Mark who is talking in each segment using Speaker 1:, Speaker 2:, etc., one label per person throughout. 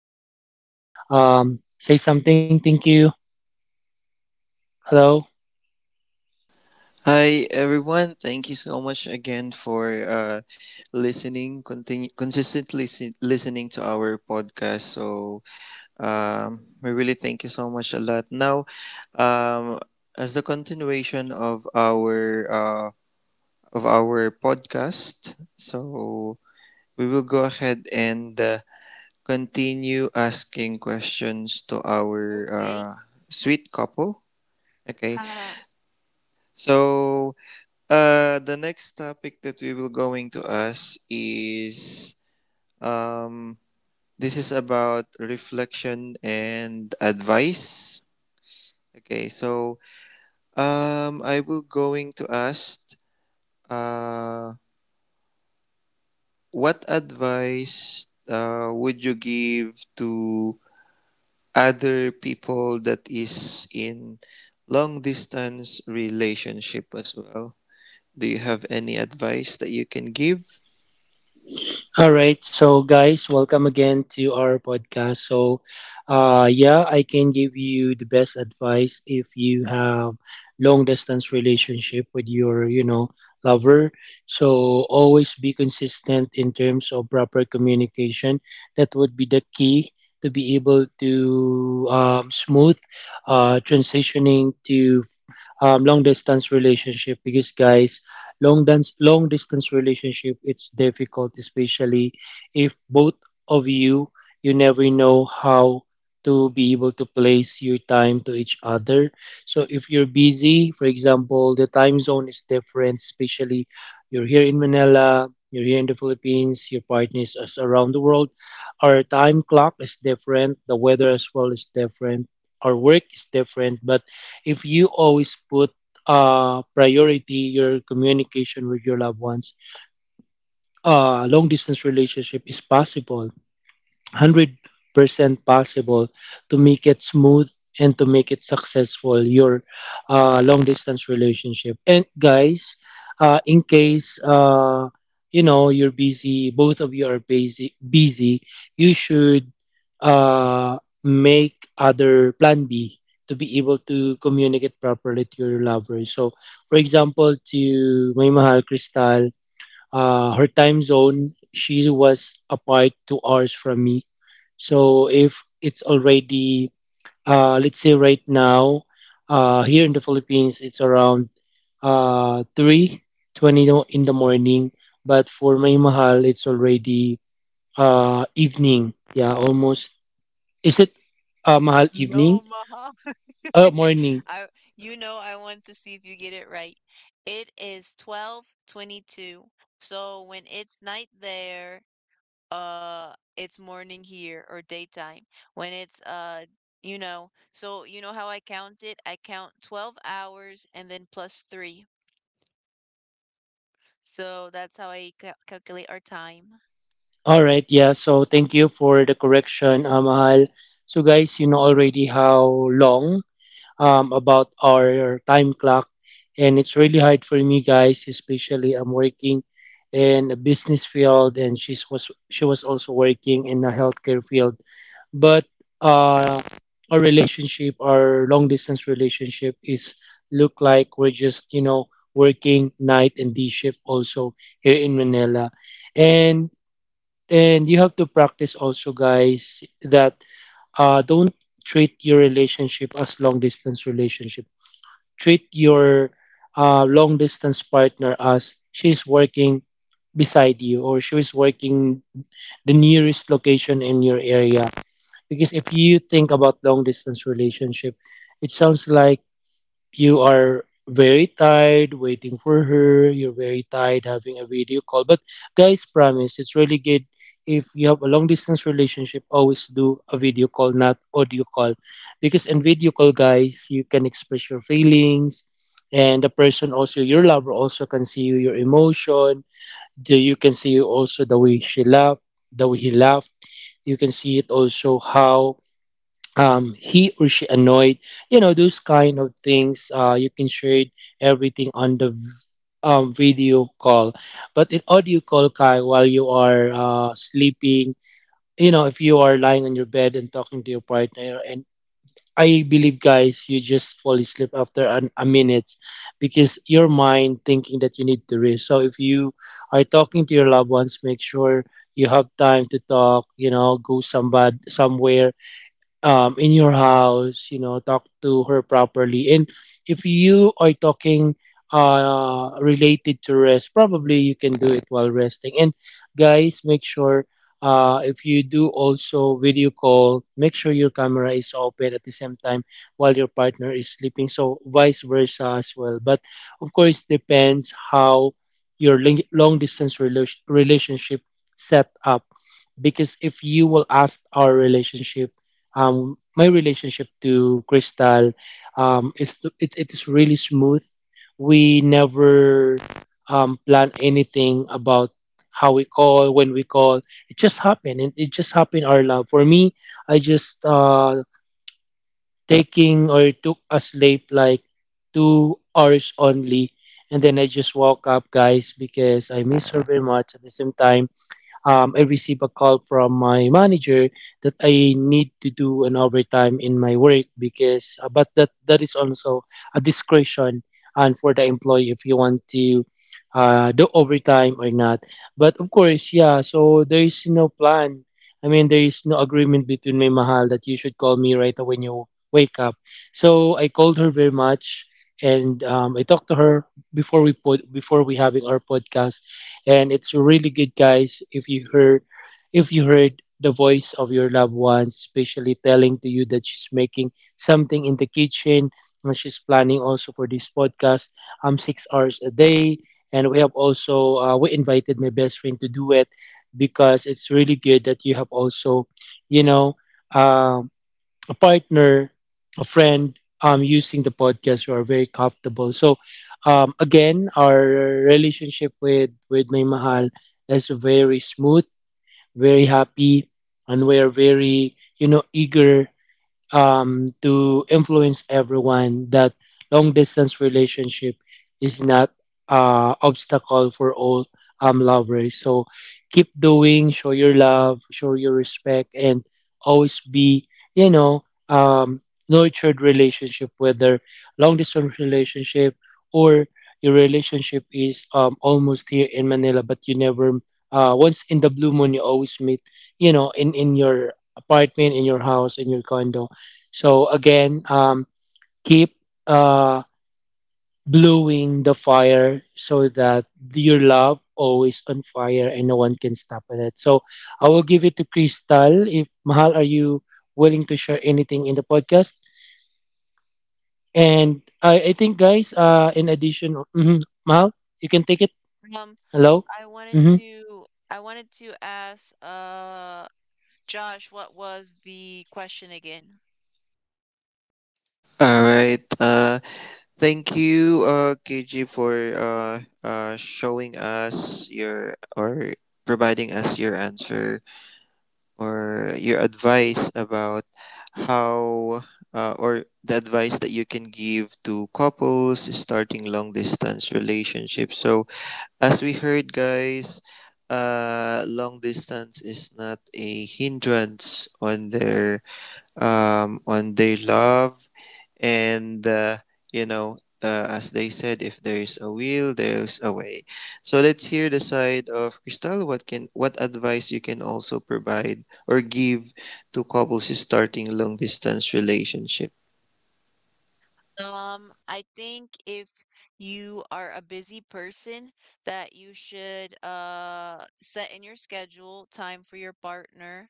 Speaker 1: Floor for you. Say something. Thank you. Hello.
Speaker 2: Hi everyone, thank you so much again for listening, listening to our podcast. We really thank you so much a lot. Now, um, as the continuation of our podcast, so we will go ahead and continue asking questions to our
Speaker 3: Okay.
Speaker 2: uh, sweet couple. Okay, so the next topic that we will going to us is um, this is about reflection and advice. Okay, so I will going to ask uh, what advice would you give to other people that is in long distance relationship as well? Do you have any advice that you can give?
Speaker 1: All right, so guys, welcome again to our podcast. Yeah, I can give you the best advice if you have long distance relationship with your, lover. So always be consistent in terms of proper communication. That would be the key to be able to smooth transitioning to long distance relationship because guys long distance relationship it's difficult, especially if both of you, you never know how to be able to place your time to each other. So if you're busy, for example, the time zone is different, especially you're here in Manila, you're here in the Philippines, your partners is around the world. Our time clock is different, the weather as well is different, our work is different. But if you always put priority your communication with your loved ones, long distance relationship is possible. 100% possible to make it smooth and to make it successful your long distance relationship. And guys, in case you're busy, both of you are busy, you should make other plan B to be able to communicate properly to your lover. So for example, to my mahal Crystal, her time zone, she was apart 2 hours from me. So if it's already let's say right now, here in the Philippines it's around 3:20 in the morning, but for my mahal it's already evening, yeah, almost, is it mahal,
Speaker 3: No,
Speaker 1: evening,
Speaker 3: Maha.
Speaker 1: morning.
Speaker 3: I You know, I want to see if you get it right. It is 12:22. So when it's night there, uh, it's morning here or daytime. When it's so you know how I count it? I count 12 hours and then plus 3. So that's how I ca calculate our time.
Speaker 1: All right, yeah, so thank you for the correction, mahal. So guys, you know already how long about our time clock. And it's really hard for me, guys, especially I'm working in a business field, and she was also working in a healthcare field. But uh, our relationship, our long distance relationship is look like we're just, you know, working night and day shift also here in Manila. And and you have to practice also, guys, that don't treat your relationship as long distance relationship, treat your long distance partner as she's working beside you, or she is working the nearest location in your area. Because if you think about long distance relationship, it sounds like you are very tired waiting for her, you're very tired having a video call. But guys, promise, it's really good. If you have a long distance relationship, always do a video call, not audio call. Because in video call, guys, you can express your feelings, and the person also, your lover also can see you, your emotion. You can see also the way she laughed, the way he laughed. You can see it also how he or she annoyed, you know, those kind of things you can share everything on the video call. But in audio call, kai, while you are sleeping, you know, if you are lying on your bed and talking to your partner, and I believe guys, you just fall asleep after a minute, because your mind thinking that you need to rest. So if you are talking to your loved ones, make sure you have time to talk, you know, go somebody somewhere in your house, you know, talk to her properly. And if you are talking related to rest, probably you can do it while resting. And guys, make sure if you do also video call, make sure your camera is open at the same time while your partner is sleeping. So vice versa as well. But of course, depends how your long distance relationship set up. Because if you will ask our relationship, my relationship to Crystal, it is really smooth. We never plan anything about how we call, when we call. It just happened. It just happened, our love. For me, I just taking, or it took a sleep like 2 hours only. And then I just woke up, guys, because I miss her very much. At the same time, I receive a call from my manager that I need to do an overtime in my work because, but that that is also a discretion and for the employee if you want to do overtime or not. But of course, yeah. So there is no plan. I mean, there is no agreement between me, Mahal, that you should call me right when you wake up. So I called her very much, and I talked to her before we having our podcast, and it's really good, guys. If you heard the voice of your loved ones, especially telling to you that she's making something in the kitchen, and she's planning also for this podcast, 6 hours a day, and we have also we invited my best friend to do it, because it's really good that you have also, you know. um, a partner, a friend using the podcast who are very comfortable. So again, our relationship with May Mahal is very smooth, very happy, and we are very, you know, eager to influence everyone that long distance relationship is not obstacle for all lovers. So keep doing, show your love, show your respect, and always be, you know, um, nurtured relationship, whether long distance relationship or your relationship is almost here in Manila, but you never. Once in the blue moon, you always meet, you know, in your apartment, in your house, in your condo. So again, keep uh, blowing the fire, so that your love always on fire and no one can stop it. So I will give it to Crystal. If Mahal, are you willing to share anything in the podcast? And I think, guys, in addition, mhm, Mahal, you can take it.
Speaker 3: Um
Speaker 1: Hello. Hmm.
Speaker 3: I wanted to ask Josh, what was the question again?
Speaker 2: All right. Thank you, KG, for showing us your or providing us your answer or your advice about how or the advice that you can give to couples starting long distance relationships. So, as we heard, guys, long distance is not a hindrance on their love and as they said, if there is a will there's a way. So let's hear the side of Crystal. What can what advice you can also provide or give to couples starting long distance relationship?
Speaker 3: I think if you are a busy person, that you should set in your schedule time for your partner,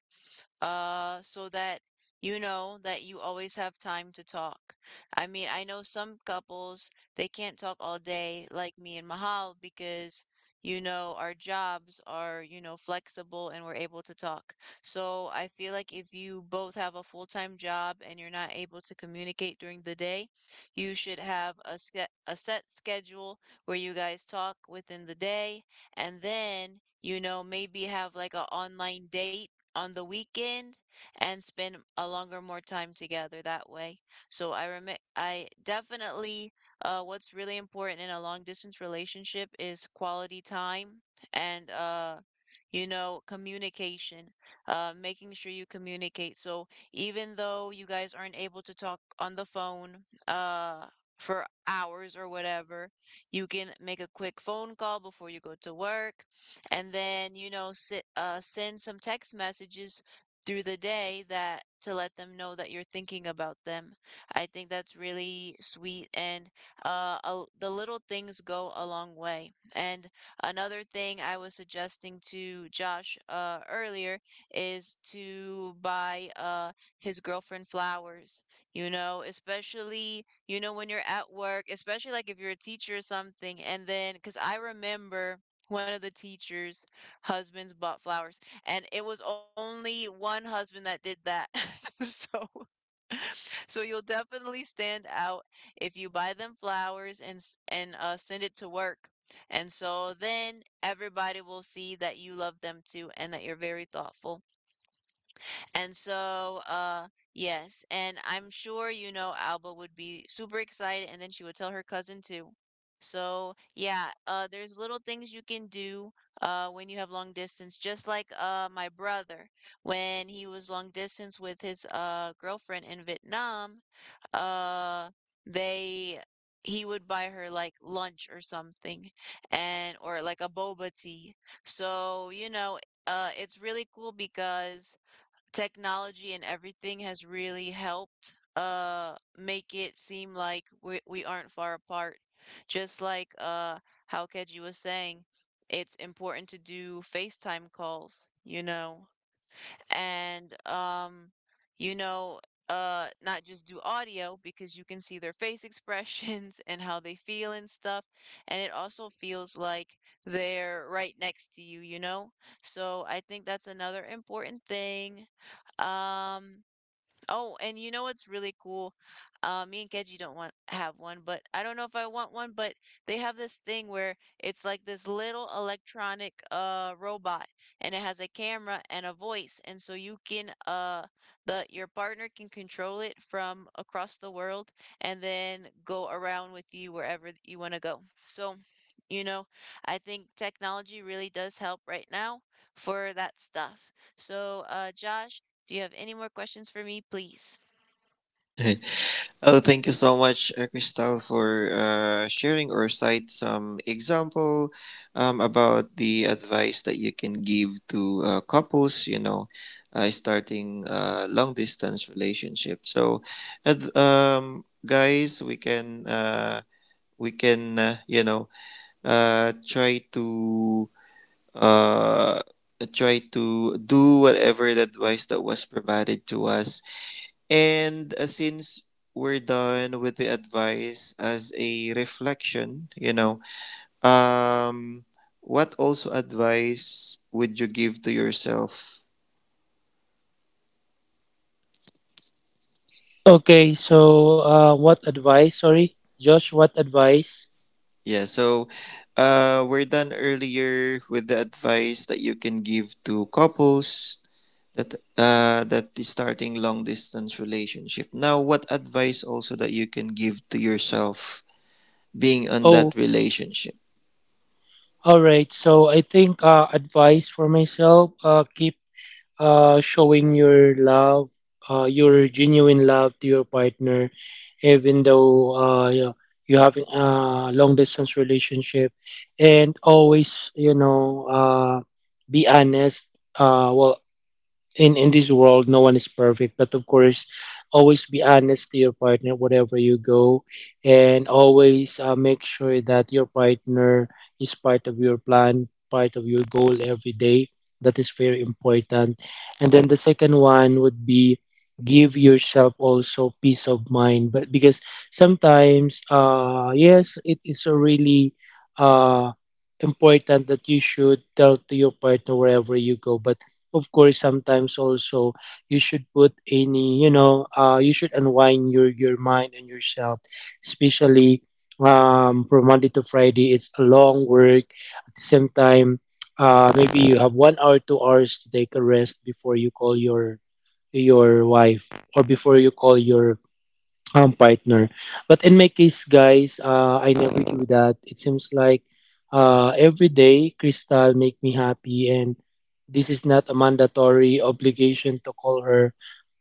Speaker 3: so that you know that you always have time to talk. I mean, I know some couples, they can't talk all day like me and Mahal because, you know, our jobs are, you know, flexible and we're able to talk. So I feel like if you both have a full-time job and you're not able to communicate during the day, you should have a a set schedule where you guys talk within the day, and then, you know, maybe have like an online date on the weekend and spend a longer more time together that way. So I rem I definitely, what's really important in a long distance relationship is quality time and, you know, communication, making sure you communicate. So even though you guys aren't able to talk on the phone uh for hours or whatever, you can make a quick phone call before you go to work, and then, you know, send some text messages through the day that to let them know that you're thinking about them. I think that's really sweet, and the little things go a long way. And another thing I was suggesting to Josh earlier is to buy his girlfriend flowers, you know, especially, you know, when you're at work, especially like if you're a teacher or something. And then, because I remember one of the teachers' husbands bought flowers, and it was only one husband that did that. So, so you'll definitely stand out if you buy them flowers and send it to work. And so then everybody will see that you love them too and that you're very thoughtful. And so, yes, and I'm sure you know Alba would be super excited, and then she would tell her cousin too. So yeah, there's little things you can do when you have long distance. Just like my brother, when he was long distance with his girlfriend in Vietnam, uh, they he would buy her like lunch or something, and or like a boba tea. So you know, it's really cool because technology and everything has really helped make it seem like we aren't far apart. Just like how Keji was saying, it's important to do FaceTime calls, you know, and you know not just do audio because you can see their face expressions and how they feel and stuff, and it also feels like they're right next to you, you know. So I think that's another important thing. um Oh, and you know what's really cool? Me and Keji don't want have one, but I don't know if I want one, but they have this thing where it's like this little electronic robot, and it has a camera and a voice, and so you can the your partner can control it from across the world and then go around with you wherever you want to go. So, you know, I think technology really does help right now for that stuff. So, Josh, do you have any more questions for me, please?
Speaker 2: Oh, thank you so much, Crystal, for sharing or cite some example about the advice that you can give to couples, you know, starting long distance relationship. So, guys, we can you know uh, try to uh, try to do whatever the advice that was provided to us. And since we're done with the advice as a reflection, you know, um, what also advice would you give to yourself?
Speaker 1: Okay, so what advice? Sorry, Josh, what advice?
Speaker 2: Yeah, so we're done earlier with the advice that you can give to couples that that is starting long distance relationship. Now, what advice also that you can give to yourself being on
Speaker 1: Oh,
Speaker 2: that relationship?
Speaker 1: all right. So I think advice for myself: keep showing your love, your genuine love to your partner, even though you have a long distance relationship, and always, you know, be honest. Well, in this world no one is perfect, but of course always be honest to your partner wherever you go, and always make sure that your partner is part of your plan, part of your goal every day. That is very important. And then the second one would be give yourself also peace of mind. But because sometimes, yes, it is a really uh important that you should tell to your partner wherever you go, but of course sometimes also you should put any, you know, you should unwind your mind and yourself, especially from Monday to Friday it's a long work. At the same time, maybe you have 1 hour, 2 hours to take a rest before you call your wife, or before you call your partner. But in my case, guys, I never do that. It seems like every day Crystal make me happy, and this is not a mandatory obligation to call her,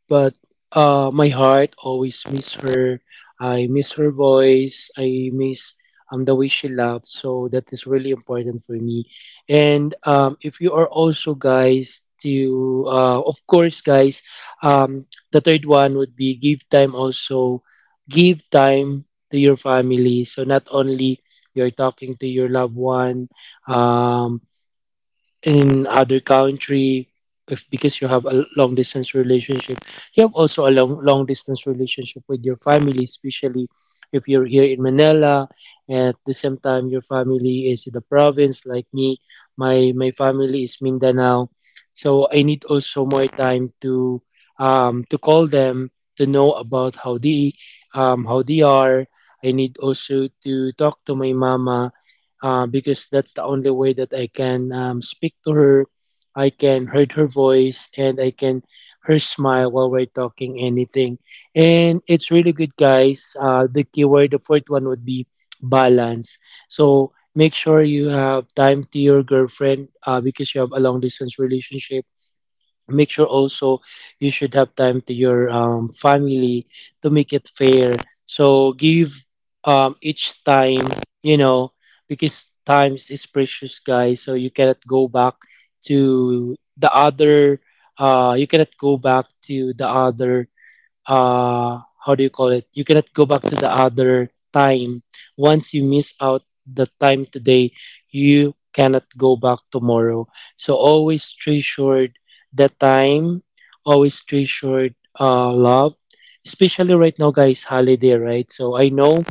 Speaker 1: but my heart always miss her. I miss her voice, I miss the way she laughed. So that is really important for me. And if you are also guys to, of course, guys, um, the third one would be give time also. Give time to your family. So not only you're talking to your loved one, um, in other country, if because you have a long distance relationship, you have also a long distance relationship with your family, especially if you're here in Manila, at the same time your family is in the province. Like me, my family is Mindanao, so I need also more time to call them, to know about how they are. I need also to talk to my mama, because that's the only way that I can speak to her. I can heard her voice, and I can her smile while we're talking anything. And it's really good, guys. The keyword, the fourth one would be balance. So make sure you have time to your girlfriend because you have a long distance relationship, make sure also you should have time to your family to make it fair. So give each time, you know because time is precious, guys, so you cannot go back to the other. You cannot go back to the other. How do you call it? You cannot go back to the other time. Once you miss out the time today, you cannot go back tomorrow. So always treasure the time, always treasure love, especially right now, guys. Holiday, right? So I know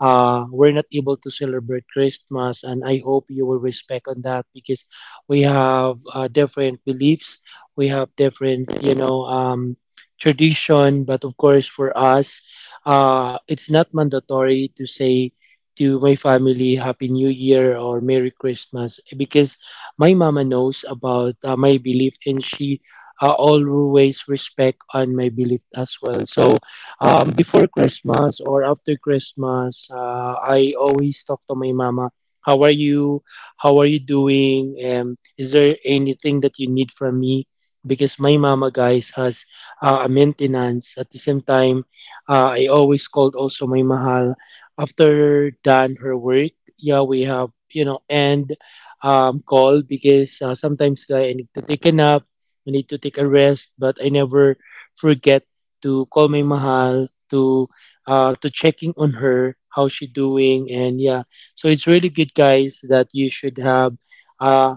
Speaker 1: we're not able to celebrate Christmas, and I hope you will respect on that because we have different beliefs. We have different, tradition, but of course for us, it's not mandatory to say to my family Happy New Year or Merry Christmas because my mama knows about my belief, and she always respect on my belief as well. So before Christmas or after Christmas, I always talk to my mama. How are you? How are you doing? Is there anything that you need from me? Because my mama, guys, has maintenance. At the same time, I always called also my mahal after done her work. Yeah, we have, and call because sometimes guy I need to take a nap, I need to take a rest, but I never forget to call my mahal to checking on her how she doing. And yeah, so it's really good, guys, that you should have uh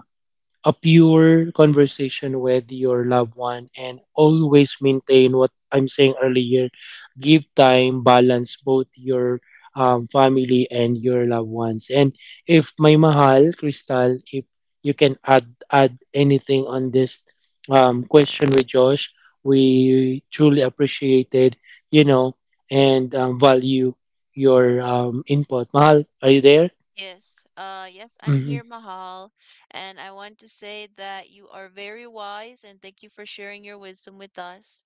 Speaker 1: a pure conversation with your loved one, and always maintain what I'm saying earlier. Give time, balance both your family and your loved ones. And if my mahal Crystal, if you can add add anything on this question with Josh, we truly appreciate it. you know and value your input. Mahal, are you there?
Speaker 3: Yes, yes, I'm here,
Speaker 1: Mhm.
Speaker 3: Mahal, and I want to say that you are very wise and thank you for sharing your wisdom with us.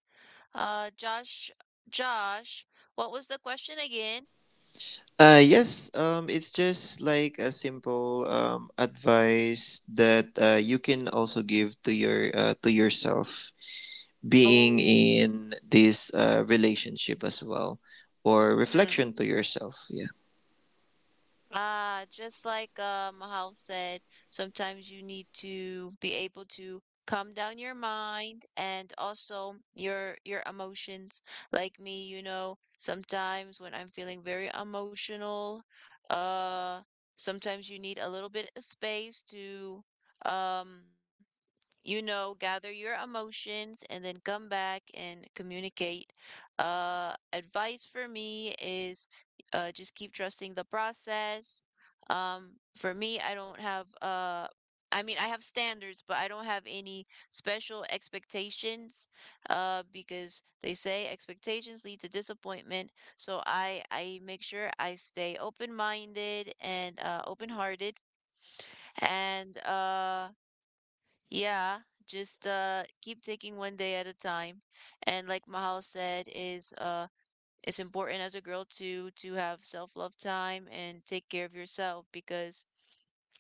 Speaker 3: Uh, Josh, Josh, what was the question again?
Speaker 2: Yes, it's just like a simple advice that you can also give to your to yourself being
Speaker 3: Oh,
Speaker 2: in this relationship as well, or
Speaker 3: mm.
Speaker 2: reflection to yourself. Yeah.
Speaker 3: Ah, just like Mahal said, sometimes you need to be able to calm down your mind and also your emotions. Like me, you know, sometimes when I'm feeling very emotional, uh, sometimes you need a little bit of space to um you know, gather your emotions and then come back and communicate. Advice for me is just keep trusting the process. Um, for me, I don't have, I mean, I have standards, but I don't have any special expectations, because they say expectations lead to disappointment. So I make sure I stay open minded and, open hearted, and yeah, just keep taking one day at a time. And like Mahal said, is it's important as a girl to have self-love time and take care of yourself because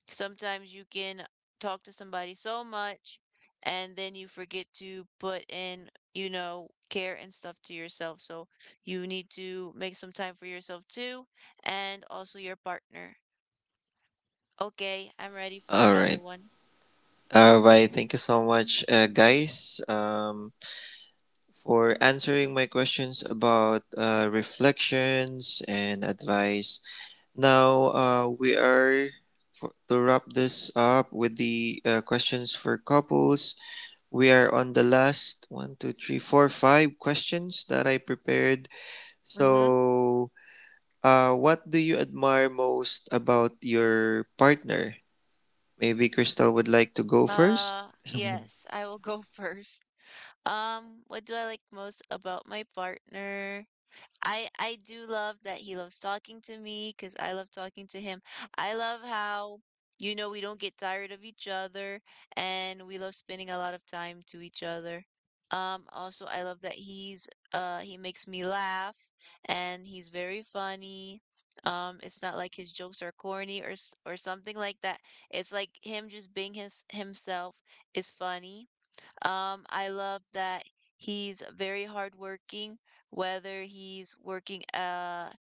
Speaker 3: sometimes you can talk to somebody so much and then you forget to put in, you know, care and stuff to yourself. So you need to make some time for yourself too, and also your partner. Okay, I'm ready for
Speaker 2: All
Speaker 3: another
Speaker 2: right.
Speaker 3: one.
Speaker 2: Thank you so much, guys, for answering my questions about reflections and advice. Now we are for, to wrap this up with the questions for couples. We are on the last one, two, three, four, five questions that I prepared.
Speaker 3: Mm-hmm.
Speaker 2: So, what do you admire most about your partner? Maybe Crystal would like to go first.
Speaker 3: Yes, I will go first. What do I like most about my partner? I do love that he loves talking to me because I love talking to him. I love how, you know, we don't get tired of each other and we love spending a lot of time to each other. Also I love that he makes me laugh and he's very funny. It's not like his jokes are corny or something like that. It's like him just being his himself is funny. I love that he's very hardworking, whether he's working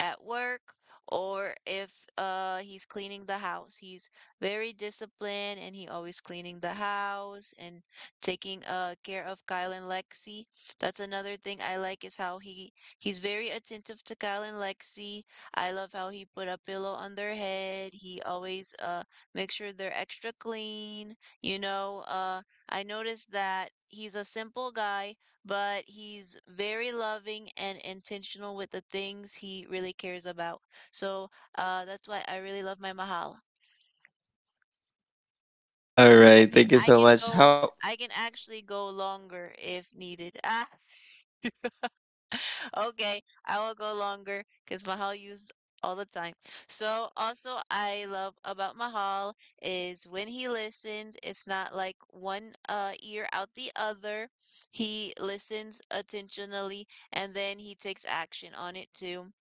Speaker 3: at work, or if he's cleaning the house. He's very disciplined and he always cleaning the house and taking care of Kyle and Lexi. That's another thing I like is how he he's very attentive to Kyle and Lexi. I love how he put a pillow on their head. He always makes sure they're extra clean, you know. Uh, I noticed that he's a simple guy, but he's very loving and intentional with the things he really cares about. So, that's why I really love my Mahal.
Speaker 2: All
Speaker 3: I
Speaker 2: right,
Speaker 3: can
Speaker 2: thank you
Speaker 3: I
Speaker 2: so
Speaker 3: can
Speaker 2: much.
Speaker 3: go
Speaker 2: How
Speaker 3: I can actually go longer if needed. Ah. Okay, I will go longer because Mahal used all the time. So also I love about Mahal is when he listens, it's not like one ear out the other. He listens attentionally and then he takes action on it too.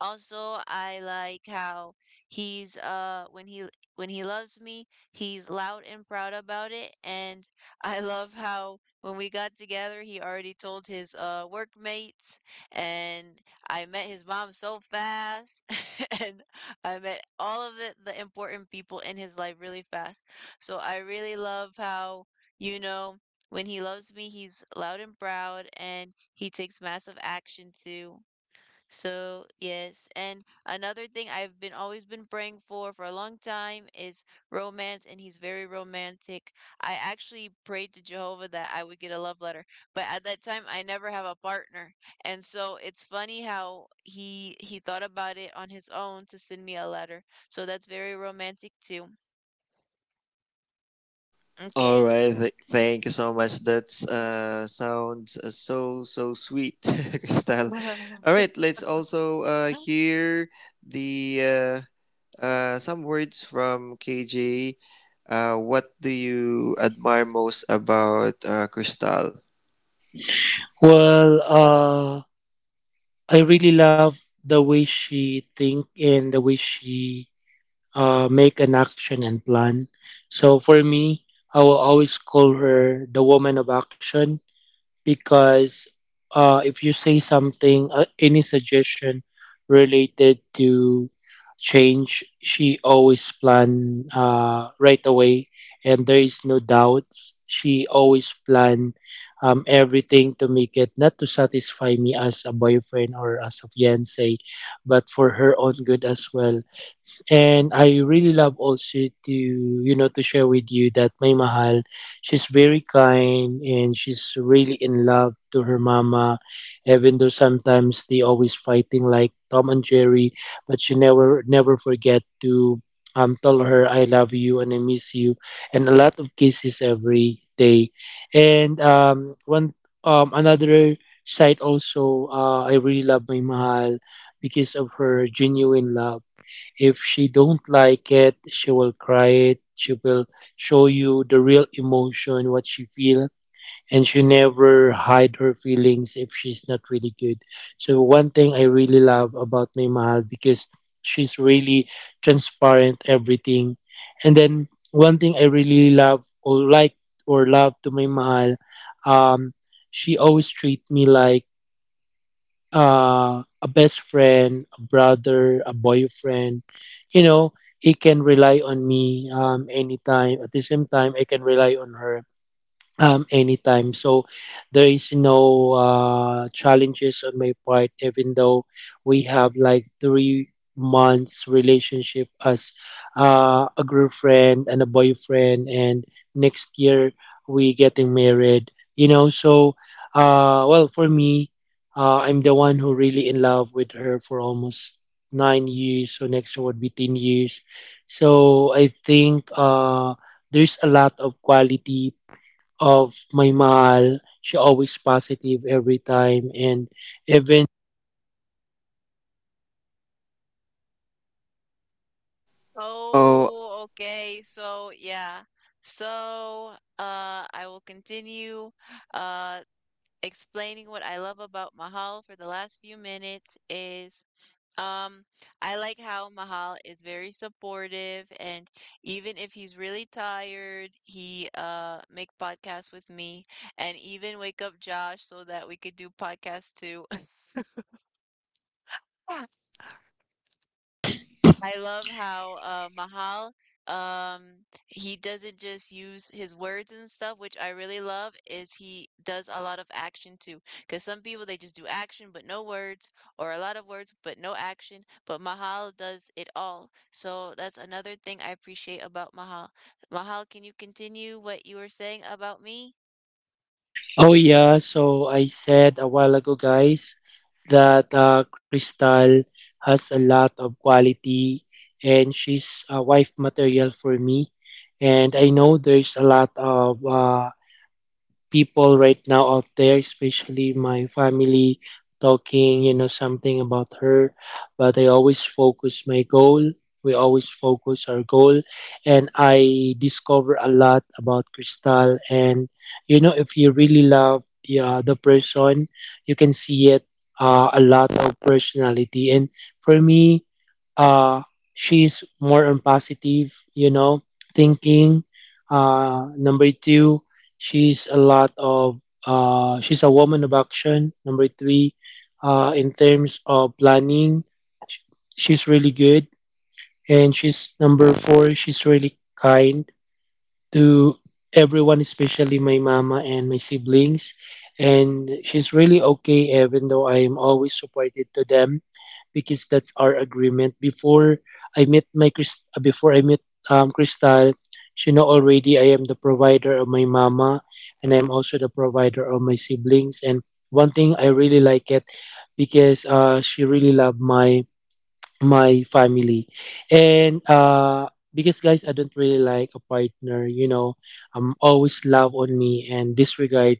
Speaker 3: Also, I like how he's when he loves me, he's loud and proud about it. And I love how when we got together, he already told his workmates, and I met his mom so fast, and I met all of the important people in his life really fast. So I really love how, you know, when he loves me, he's loud and proud, and he takes massive action too. So, yes, and another thing I've been always been praying for a long time is romance, and he's very romantic. I actually prayed to Jehovah that I would get a love letter, but at that time I never have a partner. And so it's funny how he thought about it on his own to send me a letter. So that's very romantic too.
Speaker 2: All
Speaker 3: Okay.
Speaker 2: right, thank you so much. That's sounds so sweet, Crystal. All right, let's also hear the uh, some words from KJ. What do you admire most about Crystal?
Speaker 1: Well, I really love the way she think and the way she make an action and plan. So for me, I will always call her the woman of action because if you say something, any suggestion related to change, she always plan right away, and there is no doubt. She always plan everything to make it not to satisfy me as a boyfriend or as a fiance, but for her own good as well. And I really love also to, to share with you that my mahal, she's very kind, and she's really in love to her mama, even though sometimes they always fighting like Tom and Jerry, but she never forget to tell her I love you and I miss you and a lot of kisses every day. And one another side also, I really love my mahal because of her genuine love. If she don't like it, she will cry it. She will show you the real emotion, what she feel, and she never hide her feelings if she's not really good. So one thing I really love about my mahal because she's really transparent everything. And then one thing I really love or like or love to my mahal, um, she always treat me like a best friend, a brother, a boyfriend. You know, he can rely on me anytime. At the same time, I can rely on her anytime. So there is no challenges on my part, even though we have like 3 months relationship as a girlfriend and a boyfriend, and next year we getting married. You know, so well for me, I'm the one who really in love with her for almost 9 years. So next year would be 10 years. So I think there's a lot of quality of my mahal. She always positive every time and even
Speaker 2: Oh,
Speaker 3: Oh, okay. So, yeah. So, I will continue. Uh, explaining what I love about Mahal for the last few minutes is, um I like how Mahal is very supportive and even if he's really tired, he make podcasts with me and even wake up Josh so that we could do podcasts too. I love how Mahal, um he doesn't just use his words and stuff, which I really love, is he does a lot of action too. Because some people they just do action but no words, or a lot of words but no action. But Mahal does it all. So that's another thing I appreciate about Mahal. Mahal, can you continue what you were saying about me?
Speaker 1: Oh yeah, so I said a while ago, guys, that Crystal has a lot of quality and she's a wife material for me. And I know there's a lot of people right now out there, especially my family, talking, you know, something about her. But I always focus my goal. We always focus our goal. And I discover a lot about Crystal. And, you know, if you really love the person, you can see it a lot of personality. And for me, uh, she's more on positive, you know, thinking. Number two, she's a lot of she's a woman of action. Number three, in terms of planning, sh- she's really good. And she's number four, she's really kind to everyone, especially my mama and my siblings. And she's really okay, even though I am always supported to them, because that's our agreement. Before I met my before I met Crystal, she know already I am the provider of my mama, and I'm also the provider of my siblings. And one thing I really like it, because she really love my my family, and because guys I don't really like a partner, you know, I'm always love on me and disregard,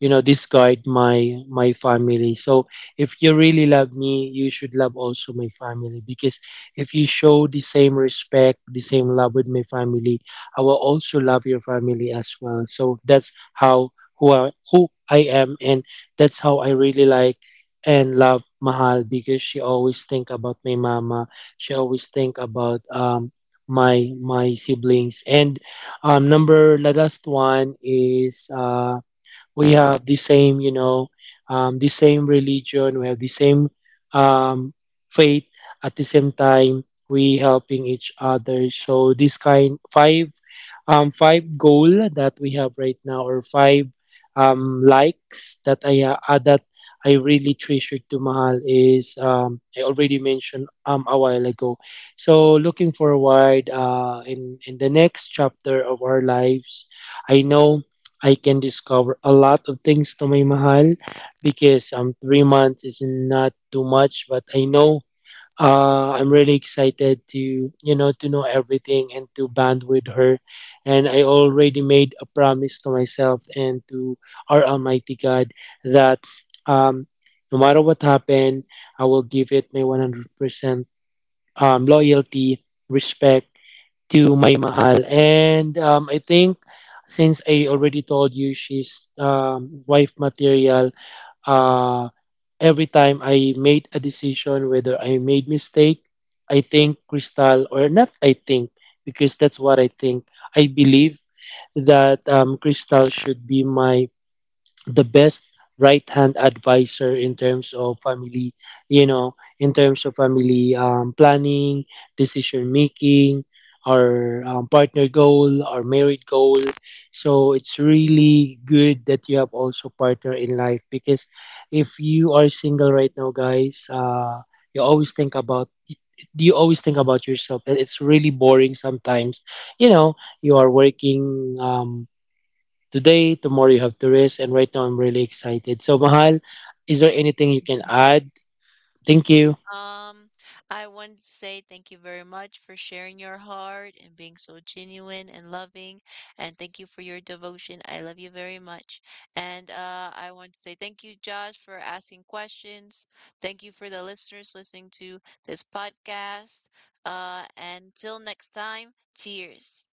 Speaker 1: you know, discard my my family. So if you really love me, you should love also my family, because if you show the same respect, the same love with my family, I will also love your family as well. So that's how who I am, and that's how I really like and love Mahal because she always think about my mama. She always think about my my siblings. And number the last one is we have the same, you know, the same religion, we have the same um, faith. At the same time, we helping each other. So this kind five five goal that we have right now, or five likes that I that I really treasure to mahal is, I already mentioned a while ago. So looking forward in the next chapter of our lives, I know I can discover a lot of things to my mahal because 3 months is not too much, but I know I'm really excited to, you know, to know everything and to bond with her. And I already made a promise to myself and to our Almighty God that um no matter what happened, I will give it my 100% loyalty, respect to my mahal. And I think since I already told you she's wife material, uh, every time I made a decision whether I made mistake, I think Crystal or not. I think, because that's what I think. I believe that Crystal should be my the best right hand advisor in terms of family, you know, in terms of family, planning, decision making, or partner goal or married goal. So it's really good that you have also partner in life, because if you are single right now, guys, you always think about, you always think about yourself, and it's really boring sometimes, you know. You are working today, tomorrow you have to rest, and right now I'm really excited. So Mahal, is there anything you can add? Thank you.
Speaker 3: Um, I wanted to say thank you very much for sharing your heart and being so genuine and loving. And thank you for your devotion. I love you very much. And, I want to say thank you, Josh, for asking questions. Thank you for the listeners listening to this podcast. And till next time, cheers.